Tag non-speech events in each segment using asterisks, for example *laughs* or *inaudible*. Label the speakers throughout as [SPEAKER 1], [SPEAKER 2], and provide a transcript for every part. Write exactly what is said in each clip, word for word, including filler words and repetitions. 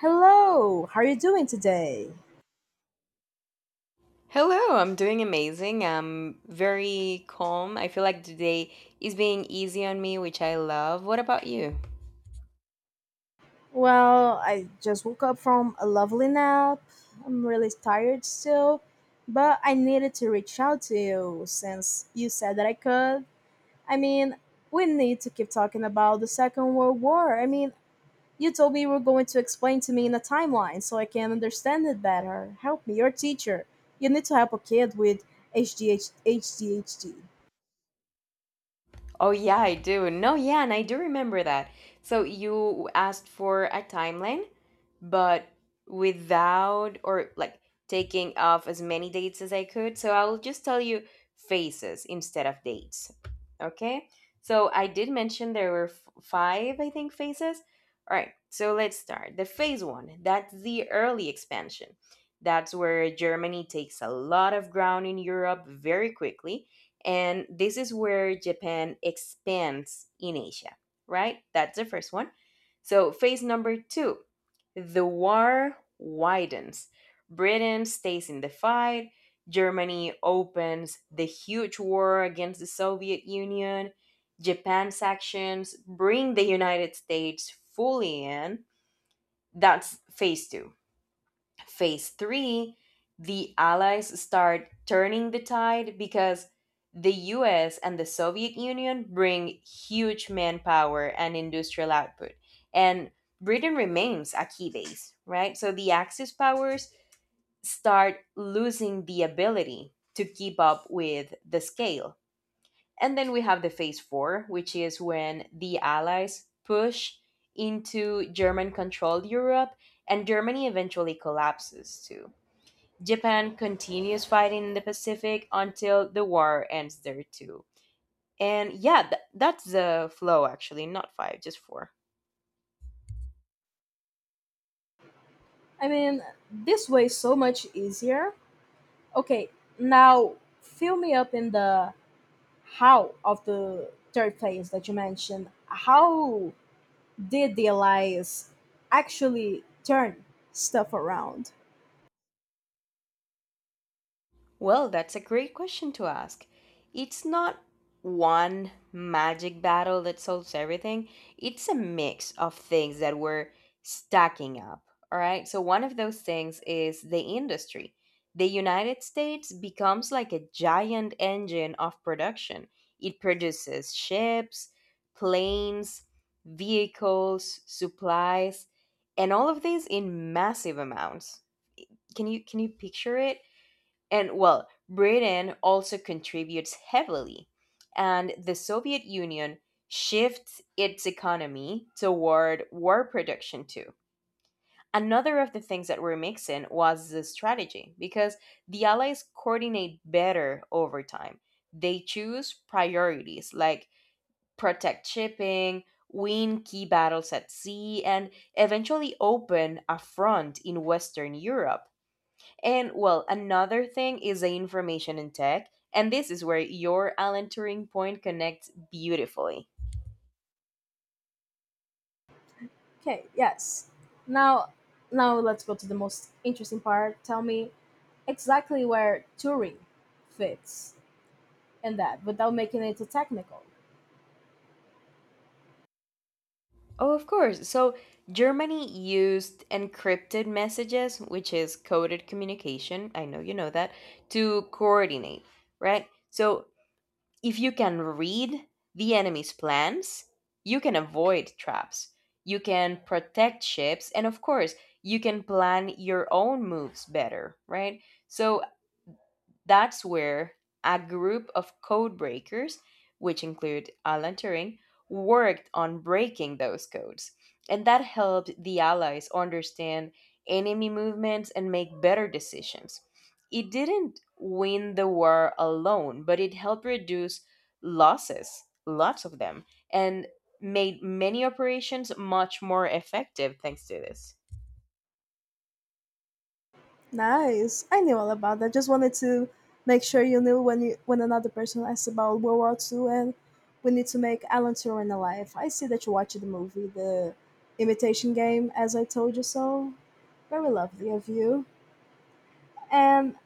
[SPEAKER 1] Hello, how are you doing today?
[SPEAKER 2] Hello, I'm doing amazing. I'm very calm. I feel like today is being easy on me, which I love. What about you?
[SPEAKER 1] Well, I just woke up from a lovely nap. I'm really tired still, but I needed to reach out to you since you said that I could. I mean, we need to keep talking about the Second World War. I mean, you told me you were going to explain to me in a timeline so I can understand it better. Help me, you're a teacher. You need to help a kid with H D H.
[SPEAKER 2] Oh, yeah, I do. No, yeah, and I do remember that. So, you asked for a timeline, but without, or like, taking off as many dates as I could. So I'll just tell you phases instead of dates. Okay? So I did mention there were f- five, I think, phases. All right, so let's start. The phase one, that's the early expansion. That's where Germany takes a lot of ground in Europe very quickly. And this is where Japan expands in Asia, right? That's the first one. So, phase number two, the war widens. Britain stays in the fight. Germany opens the huge war against the Soviet Union. Japan's actions bring the United States fully in. That's phase two. Phase three, the Allies start turning the tide because the U S and the Soviet Union bring huge manpower and industrial output. And Britain remains a key base, right? So the Axis powers start losing the ability to keep up with the scale. And then we have the phase four, which is when the Allies push into German controlled Europe, and Germany eventually collapses too. Japan continues fighting in the Pacific until the war ends there too. And yeah, th- that's the flow actually, not five, just four.
[SPEAKER 1] Mean, this way is so much easier. Okay, now fill me up in the how of the third place that you mentioned. How did the allies actually turn stuff around?
[SPEAKER 2] Well, that's a great question to ask. It's not one magic battle that solves everything, it's a mix of things that were stacking up. All right. So, one of those things is the industry. The United States becomes like a giant engine of production, it produces ships, planes, vehicles, supplies, and all of these in massive amounts. Can you can you picture it? And well, Britain also contributes heavily, and the Soviet Union shifts its economy toward war production too. Another of the things that were mixing was the strategy, because the Allies coordinate better over time. They choose priorities like protect shipping, win key battles at sea, and eventually open a front in Western Europe. And well, another thing is the information in tech, and this is where your Alan Turing point connects beautifully.
[SPEAKER 1] Okay, yes. Now, now let's go to the most interesting part. Tell me exactly where Turing fits in that without making it too technical.
[SPEAKER 2] Oh, of course. So, Germany used encrypted messages, which is coded communication, I know you know that, to coordinate, right? So, if you can read the enemy's plans, you can avoid traps, you can protect ships, and of course, you can plan your own moves better, right? So, that's where a group of code breakers, which include Alan Turing, worked on breaking those codes. And that helped the Allies understand enemy movements and make better decisions. It didn't win the war alone, but it helped reduce losses, lots of them, and made many operations much more effective thanks to this.
[SPEAKER 1] Nice. I knew all about that. Just wanted to make sure you knew when you when another person asked about World War Two, and we need to make Alan Turing alive. I see that you watched the movie, The Imitation Game, as I told you so. Very lovely of you. And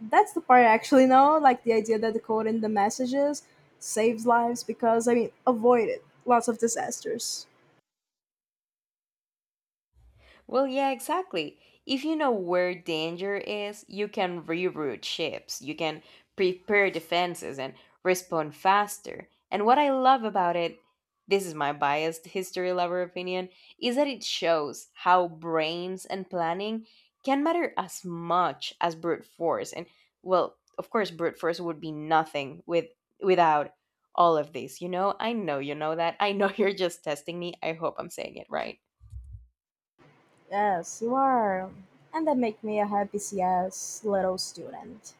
[SPEAKER 1] that's the part I actually know, like the idea that decoding the messages saves lives because I mean avoided lots of disasters.
[SPEAKER 2] Well, yeah, exactly. If you know where danger is, you can reroute ships, you can prepare defenses and respond faster. And what I love about it, this is my biased history lover opinion, is that it shows how brains and planning can matter as much as brute force. And well, of course, brute force would be nothing with without all of this. You know, I know you know that. I know *laughs* you're just testing me. I hope I'm saying it right.
[SPEAKER 1] Yes, you are. And that make me a happy C S little student.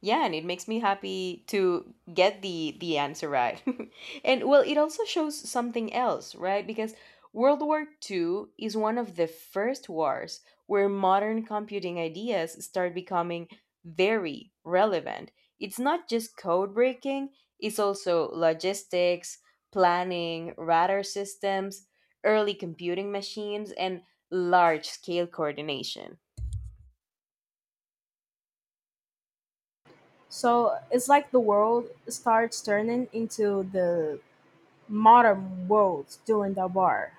[SPEAKER 2] Yeah, and it makes me happy to get the the answer right. *laughs* And well, it also shows something else, right? Because world war Two is one of the first wars where modern computing ideas start becoming very relevant. It's not just code breaking, it's also logistics, planning, radar systems, early computing machines, and large scale coordination.
[SPEAKER 1] So it's like the world starts turning into the modern world during the war.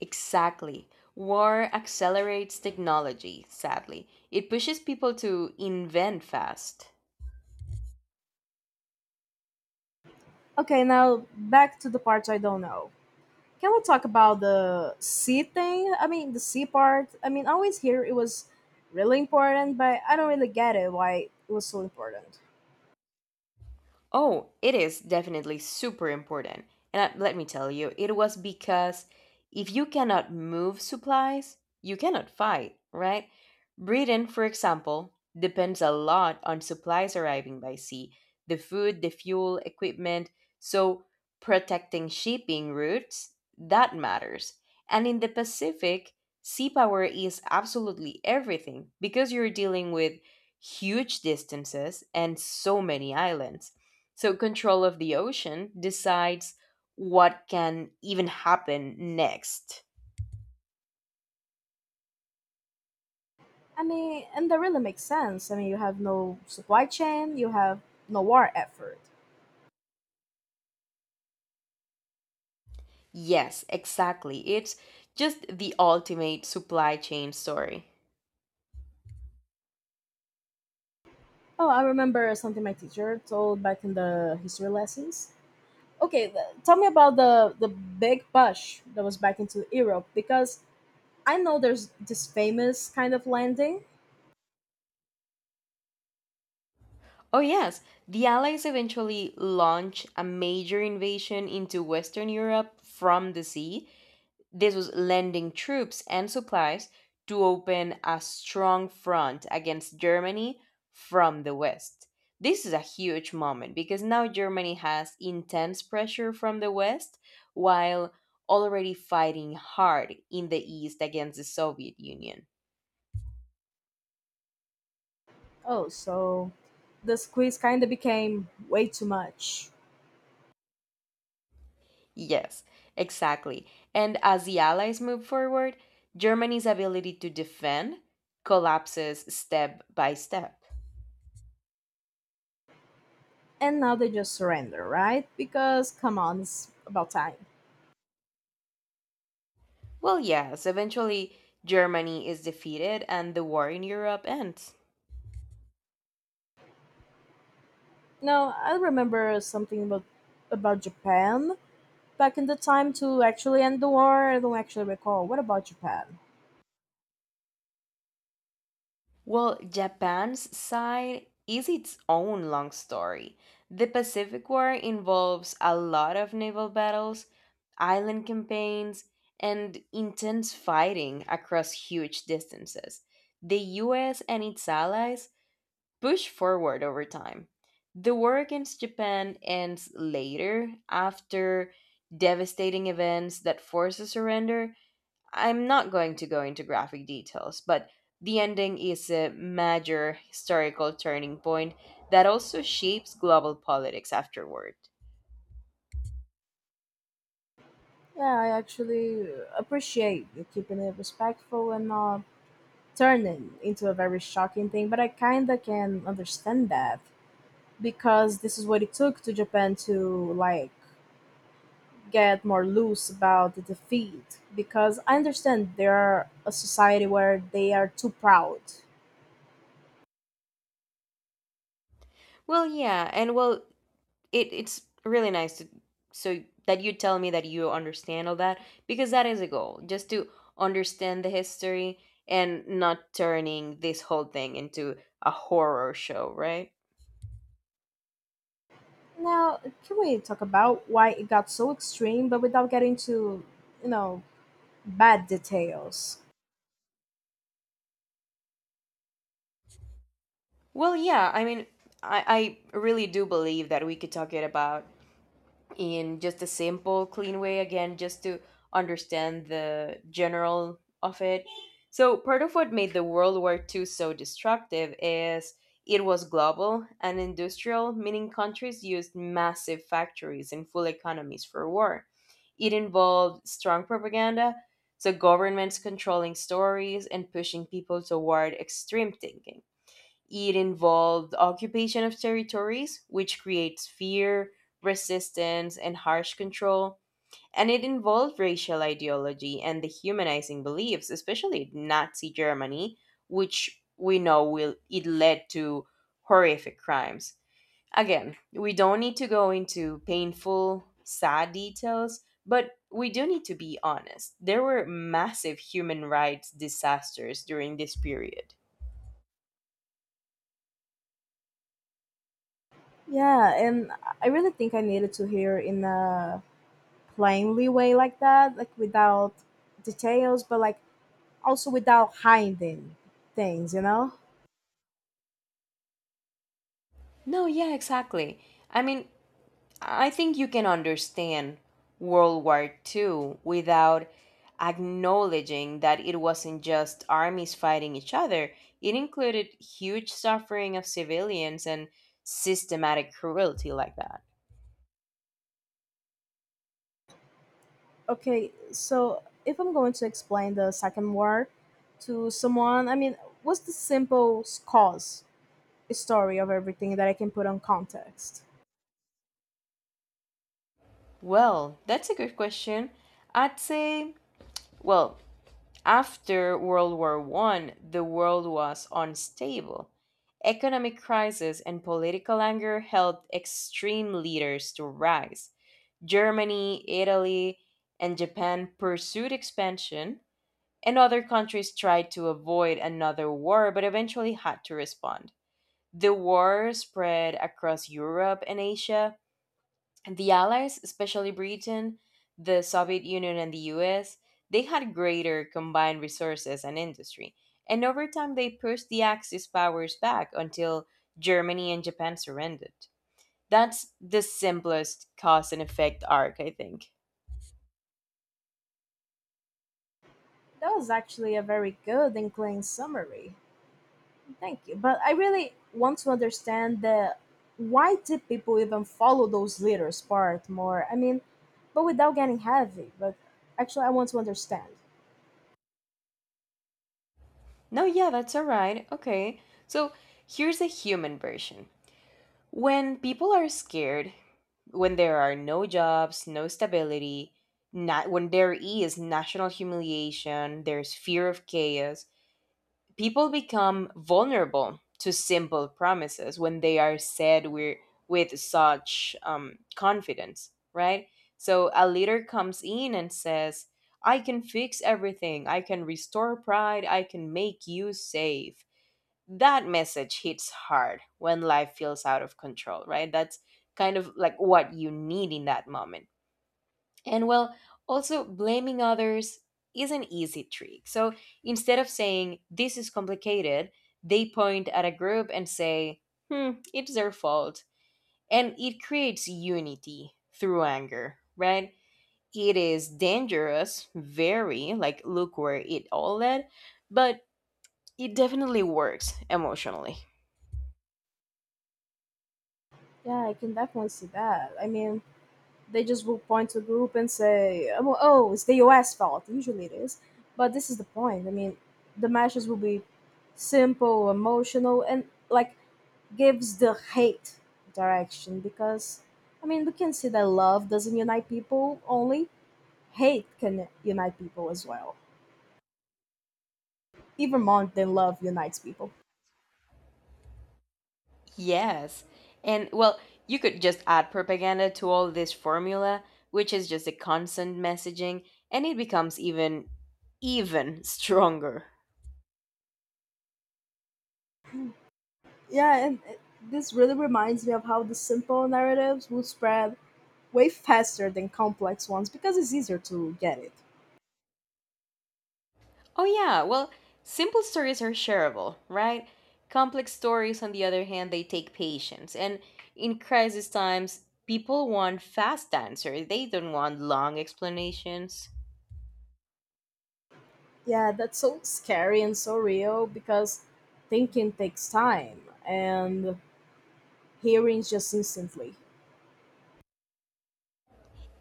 [SPEAKER 2] Exactly. War accelerates technology, sadly. It pushes people to invent fast.
[SPEAKER 1] Okay, now back to the parts I don't know. Can we talk about the sea thing? I mean, the sea part. I mean, I always hear it was really important, but I don't really get it why it was so important.
[SPEAKER 2] Oh, it is definitely super important. And I- let me tell you, it was because if you cannot move supplies, you cannot fight, right? Britain, for example, depends a lot on supplies arriving by sea: the food, the fuel, equipment. So, protecting shipping routes, that matters. And in the Pacific, sea power is absolutely everything because you're dealing with huge distances and so many islands, so, control of the ocean decides what can even happen next.
[SPEAKER 1] I mean, and that really makes sense. I mean, you have no supply chain, you have no war effort.
[SPEAKER 2] Yes, exactly. It's just the ultimate supply chain story.
[SPEAKER 1] Oh, I remember something my teacher told back in the history lessons. Okay, th- tell me about the the big push that was back into Europe, because I know there's this famous kind of landing.
[SPEAKER 2] Oh, yes, the Allies eventually launch a major invasion into Western Europe from the sea. This was lending troops and supplies to open a strong front against Germany from the West. This is a huge moment because now Germany has intense pressure from the West while already fighting hard in the East against the Soviet Union.
[SPEAKER 1] Oh, so the squeeze kind of became way too much,
[SPEAKER 2] Yes, exactly. And as the Allies move forward, Germany's ability to defend collapses step by step.
[SPEAKER 1] and now they just surrender, right? Because come on, it's about time.
[SPEAKER 2] Well, yes, eventually Germany is defeated and the war in Europe ends.
[SPEAKER 1] No, I remember something about about Japan back in the time to actually end the war. I don't actually recall. What about Japan?
[SPEAKER 2] Well, Japan's side is its own long story. The Pacific War involves a lot of naval battles, island campaigns, and intense fighting across huge distances. The U S and its allies push forward over time. The war against Japan ends later after devastating events that force a surrender. I'm not going to go into graphic details, but the ending is a major historical turning point that also shapes global politics afterward.
[SPEAKER 1] Yeah, I actually appreciate you keeping it respectful and not turning into a very shocking thing, but I kind of can understand that because this is what it took to Japan to like get more loose about the defeat, because I understand they are a society where they are too proud.
[SPEAKER 2] Well, yeah, and well, it it's really nice to, so that you tell me that you understand all that, because that is a goal, just to understand the history and not turning this whole thing into a horror show, right?
[SPEAKER 1] Now, can we talk about why it got so extreme but without getting to, you know, bad details.
[SPEAKER 2] Well, yeah, I mean, i i really do believe that we could talk it about in just a simple, clean way, again, just to understand the general of it. So, part of what made the World War Two so destructive is it was global and industrial, meaning countries used massive factories and full economies for war. It involved strong propaganda, so governments controlling stories and pushing people toward extreme thinking. It involved occupation of territories, which creates fear, resistance, and harsh control. And it involved racial ideology and dehumanizing beliefs, especially Nazi Germany, which we know will it led to horrific crimes. Again, we don't need to go into painful, sad details, but we do need to be honest. There were massive human rights disasters during this period.
[SPEAKER 1] Yeah, and I really think I needed to hear in a plainly way like that, like without details, but like also without hiding things, you know?
[SPEAKER 2] No, yeah, exactly. I mean, I think you can understand World War Two without acknowledging that it wasn't just armies fighting each other, it included huge suffering of civilians and systematic cruelty like that.
[SPEAKER 1] Okay, so if I'm going to explain the second war to someone, I mean, what's the simple cause story of everything that I can put on context?
[SPEAKER 2] Well, that's a good question. I'd say, well, after World War One, the world was unstable. Economic crisis and political anger helped extreme leaders to rise. Germany, Italy, and Japan pursued expansion, and other countries tried to avoid another war but eventually had to respond. The war spread across Europe and Asia. The Allies, especially Britain, the Soviet Union, and the U S, they had greater combined resources and industry. And over time, they pushed the Axis powers back until Germany and Japan surrendered. That's the simplest cause and effect arc, I think.
[SPEAKER 1] That was actually a very good and clean summary. Thank you. But I really want to understand the why did people even follow those leaders part more? I mean, but without getting heavy. But actually, I want to understand.
[SPEAKER 2] No, yeah, that's all right. Okay. So here's the human version. When people are scared, when there are no jobs, no stability, not when there is national humiliation, there's fear of chaos, people become vulnerable to simple promises when they are said we with such um, confidence, right? So a leader comes in and says, "I can fix everything. I can restore pride. I can make you safe." That message hits hard when life feels out of control, right? That's kind of like what you need in that moment. And well, also blaming others is an easy trick. So instead of saying, this is complicated, they point at a group and say, hmm, it's their fault. And it creates unity through anger, right? It is dangerous, very, like, look where it all led, but it definitely works emotionally.
[SPEAKER 1] Yeah, I can definitely see that. I mean, they just will point to a group and say, "Oh, oh, it's the U S fault." Usually it is, but this is the point. I mean, the messages will be simple, emotional, and like gives the hate direction, because I mean, we can see that love doesn't unite people, only hate can unite people as well, even more than love unites people.
[SPEAKER 2] Yes. And well, you could just add propaganda to all this formula, which is just a constant messaging, and it becomes even, even stronger.
[SPEAKER 1] Yeah, and it- this really reminds me of how the simple narratives will spread way faster than complex ones because it's easier to get it.
[SPEAKER 2] Oh, yeah, well, simple stories are shareable, right? Complex stories, on the other hand, they take patience. And in crisis times, people want fast answers, they don't want long explanations.
[SPEAKER 1] Yeah, that's so scary and so real because thinking takes time and hearing is just instantly.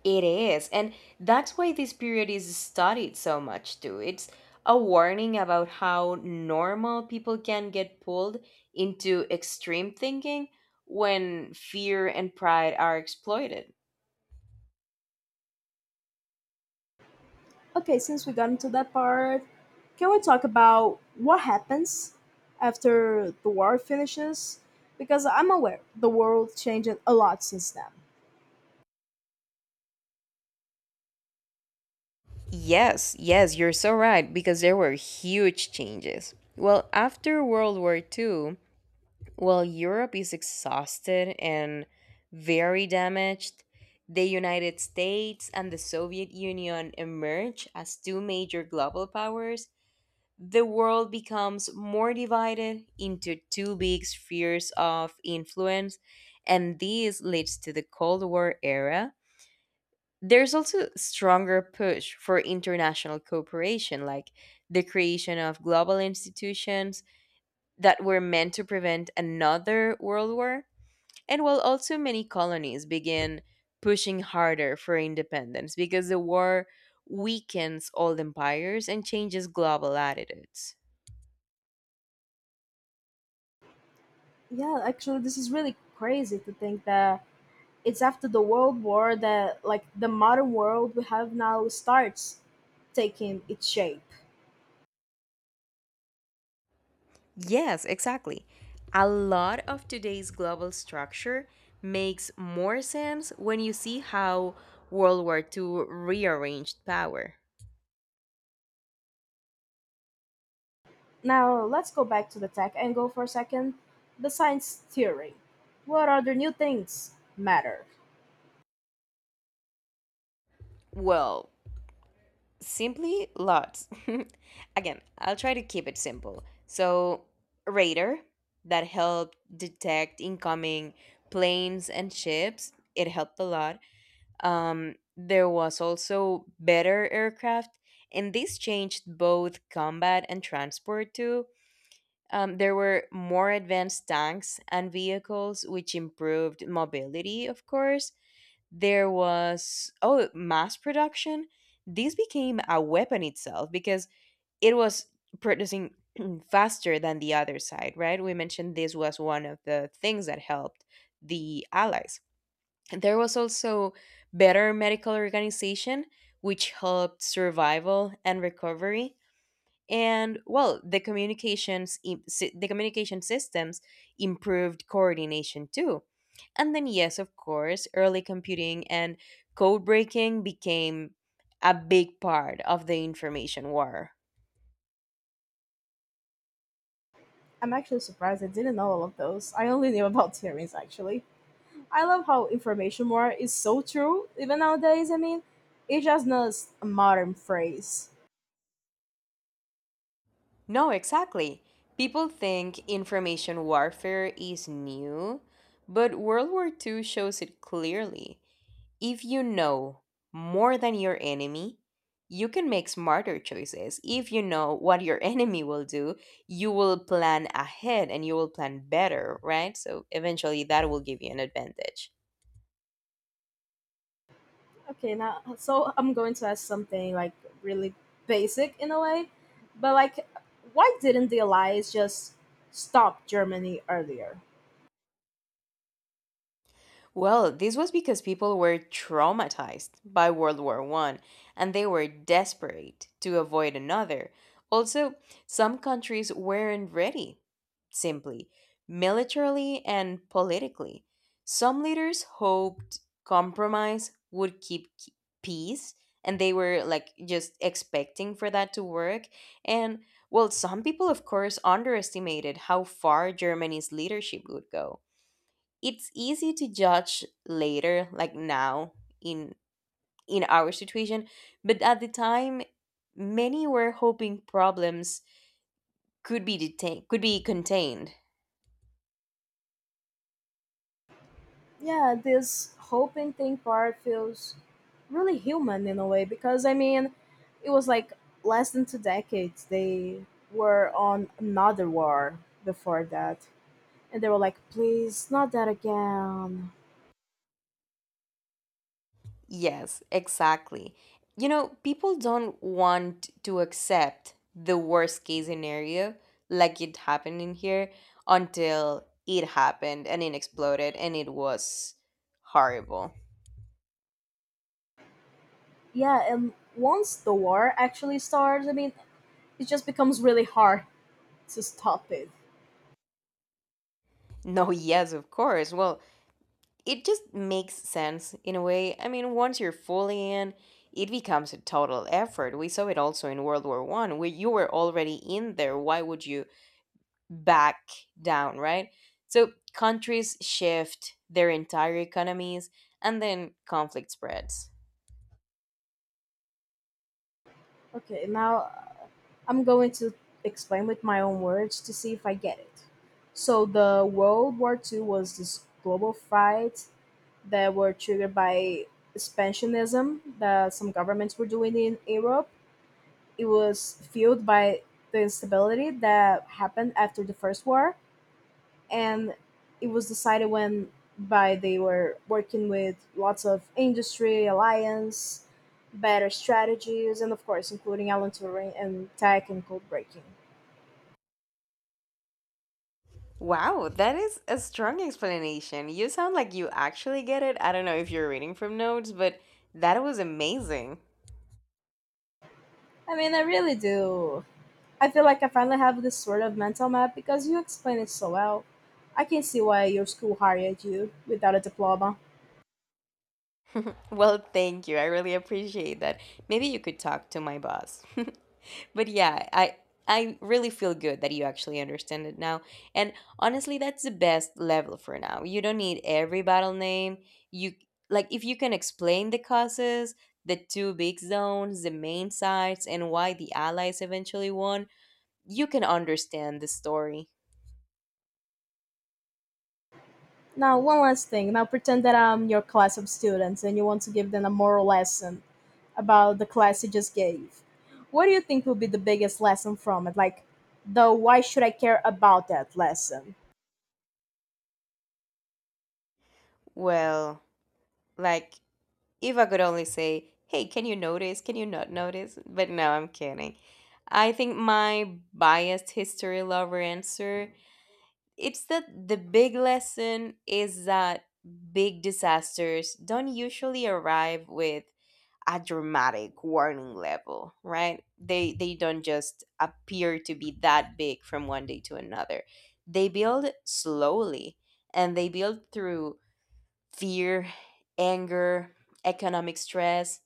[SPEAKER 2] It is. And that's why this period is studied so much, too. It's a warning about how normal people can get pulled into extreme thinking when fear and pride are exploited.
[SPEAKER 1] Okay, since we got into that part, can we talk about what happens after the war finishes? Because I'm aware the world changed a lot since then.
[SPEAKER 2] Yes, yes, you're so right, because there were huge changes. Well, after World War Two. Well, Europe is exhausted and very damaged. The United States and the Soviet Union emerge as two major global powers. The world becomes more divided into two big spheres of influence, and this leads to the Cold War era. There's also stronger push for international cooperation, like the creation of global institutions that were meant to prevent another world war, and while also many colonies began pushing harder for independence because the war weakens old empires and changes global attitudes.
[SPEAKER 1] Yeah, actually, this is really crazy to think that it's after the World War that, like, the modern world we have now starts taking its shape.
[SPEAKER 2] Yes, exactly. A lot of today's global structure makes more sense when you see how World War Two rearranged power.
[SPEAKER 1] Now, let's go back to the tech angle for a second. The science theory. What are the new things matter?
[SPEAKER 2] Well, simply lots. *laughs* Again, I'll try to keep it simple. So, radar that helped detect incoming planes and ships, it helped a lot. Um, there was also better aircraft, and this changed both combat and transport too. Um, there were more advanced tanks and vehicles, which improved mobility. Of course there was, oh, mass production. This became a weapon itself because it was producing *clears throat* faster than the other side, right? We mentioned this was one of the things that helped the Allies. There was also better medical organization, which helped survival and recovery. And well, the communications im- sy- the communication systems improved coordination too. And then yes, of course, early computing and code breaking became a big part of the information war.
[SPEAKER 1] I'm actually surprised I didn't know all of those. I only knew about theories actually. I love how information war is so true, even nowadays. I mean, it's just not a modern phrase.
[SPEAKER 2] No, exactly. People think information warfare is new, but World War Two shows it clearly. If you know more than your enemy, you can make smarter choices. If you know what your *laughs* enemy will do, you will plan ahead and you will plan better, right? So eventually that will give you an advantage.
[SPEAKER 1] Okay, now, so I'm going to ask something like really basic in a way, but like, why didn't the Allies just stop Germany earlier?
[SPEAKER 2] Well, this was because people were traumatized by World War One and they were desperate to avoid another. Also, some countries weren't ready, simply, militarily and politically. Some leaders hoped compromise would keep k- peace, and they were like just expecting for that to work. And well, some people, of course, underestimated how far Germany's leadership would go. It's easy to judge later, like now, in in our situation, but at the time many were hoping problems could be detained could be contained.
[SPEAKER 1] Yeah, this whole painting part feels really human in a way because I mean, it was like less than two decades they were on another war before that, and they were like, please, not that again.
[SPEAKER 2] Yes, exactly. You know people don't want to accept the worst case scenario, like it happened in here, until it happened and it exploded and it was horrible.
[SPEAKER 1] Yeah, and once the war actually starts, I mean, it just becomes really hard to stop it.
[SPEAKER 2] No, yes, of course. Well, it just makes sense in a way. I mean, once you're fully in, it becomes a total effort. We saw it also in World War One, where you were already in there. Why would you back down, right? So countries shift their entire economies, and then conflict spreads.
[SPEAKER 1] Okay, now I'm going to explain with my own words to see if I get it. So the World War Two was this global fight that were triggered by expansionism that some governments were doing in Europe. It was fueled by the instability that happened after the First War, and it was decided when by they were working with lots of industry alliance, better strategies, and of course including Alan Turing and tech and code breaking.
[SPEAKER 2] Wow, that is a strong explanation. You sound like you actually get it. I don't know if you're reading from notes, but that was amazing.
[SPEAKER 1] I mean, I really do. I feel like I finally have this sort of mental map because you explain it so well. I can see why your school hired you without a diploma.
[SPEAKER 2] Well, thank you. I really appreciate that. Maybe you could talk to my boss. *laughs* But yeah, I I really feel good that you actually understand it now. And honestly, that's the best level for now. You don't need every battle name. You Like, if you can explain the causes, the two big zones, the main sides, and why the Allies eventually won, you can understand the story.
[SPEAKER 1] Now, one last thing. Now, pretend that I'm your class of students and you want to give them a moral lesson about the class you just gave. What do you think will be the biggest lesson from it? Like, the why should I care about that lesson?
[SPEAKER 2] Well, like, if I could only say, hey, can you notice? Can you not notice? But no, I'm kidding. I think my biased history lover answer, it's that the big lesson is that big disasters don't usually arrive with a dramatic warning level, right? They they don't just appear to be that big from one day to another. They build slowly and they build through fear, anger, economic stress,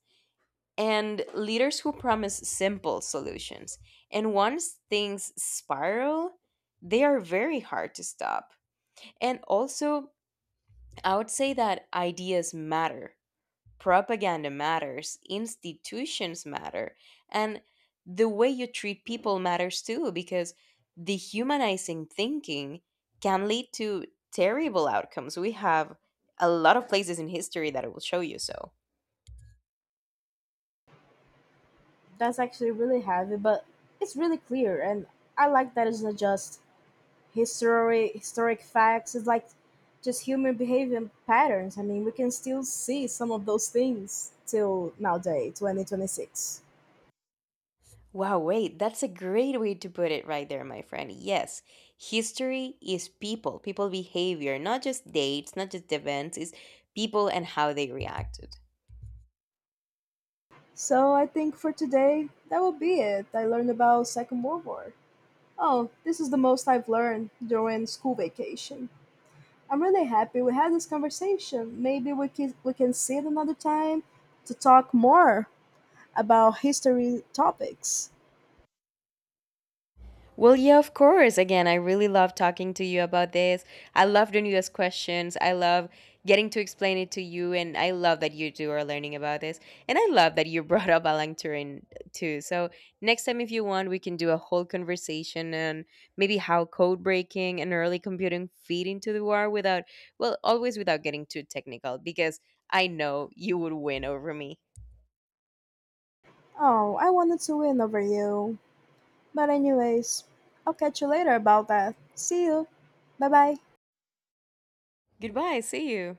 [SPEAKER 2] and leaders who promise simple solutions. And once things spiral, they are very hard to stop. And also, I would say that ideas matter, propaganda matters, institutions matter, and the way you treat people matters too, because dehumanizing thinking can lead to terrible outcomes. We have a lot of places in history that I will show you so.
[SPEAKER 1] That's actually really heavy, but it's really clear, and I like that it's not just history, historic facts is like just human behavior and patterns. I mean, we can still see some of those things till nowadays, twenty twenty-six.
[SPEAKER 2] Wow, wait, that's a great way to put it right there, my friend. Yes, history is people, people behavior, not just dates, not just events, it's people and how they reacted.
[SPEAKER 1] So I think for today that will be it. I learned about Second World War. Oh, this is the most I've learned during school vacation. I'm really happy we had this conversation. Maybe we can we can sit another time to talk more about history topics.
[SPEAKER 2] Well, yeah, of course. Again, I really love talking to you about this. I love the newest questions. I love getting to explain it to you. And I love that you two are learning about this. And I love that you *laughs* brought up Alan Turing too. So, next time, if you want, we can do a whole conversation on maybe how code breaking and early computing feed into the war without, well, always without getting too technical, because I know you would win over me.
[SPEAKER 1] Oh, I wanted to win over you. But anyways, I'll catch you later about that. See you. Bye bye.
[SPEAKER 2] Goodbye. See you.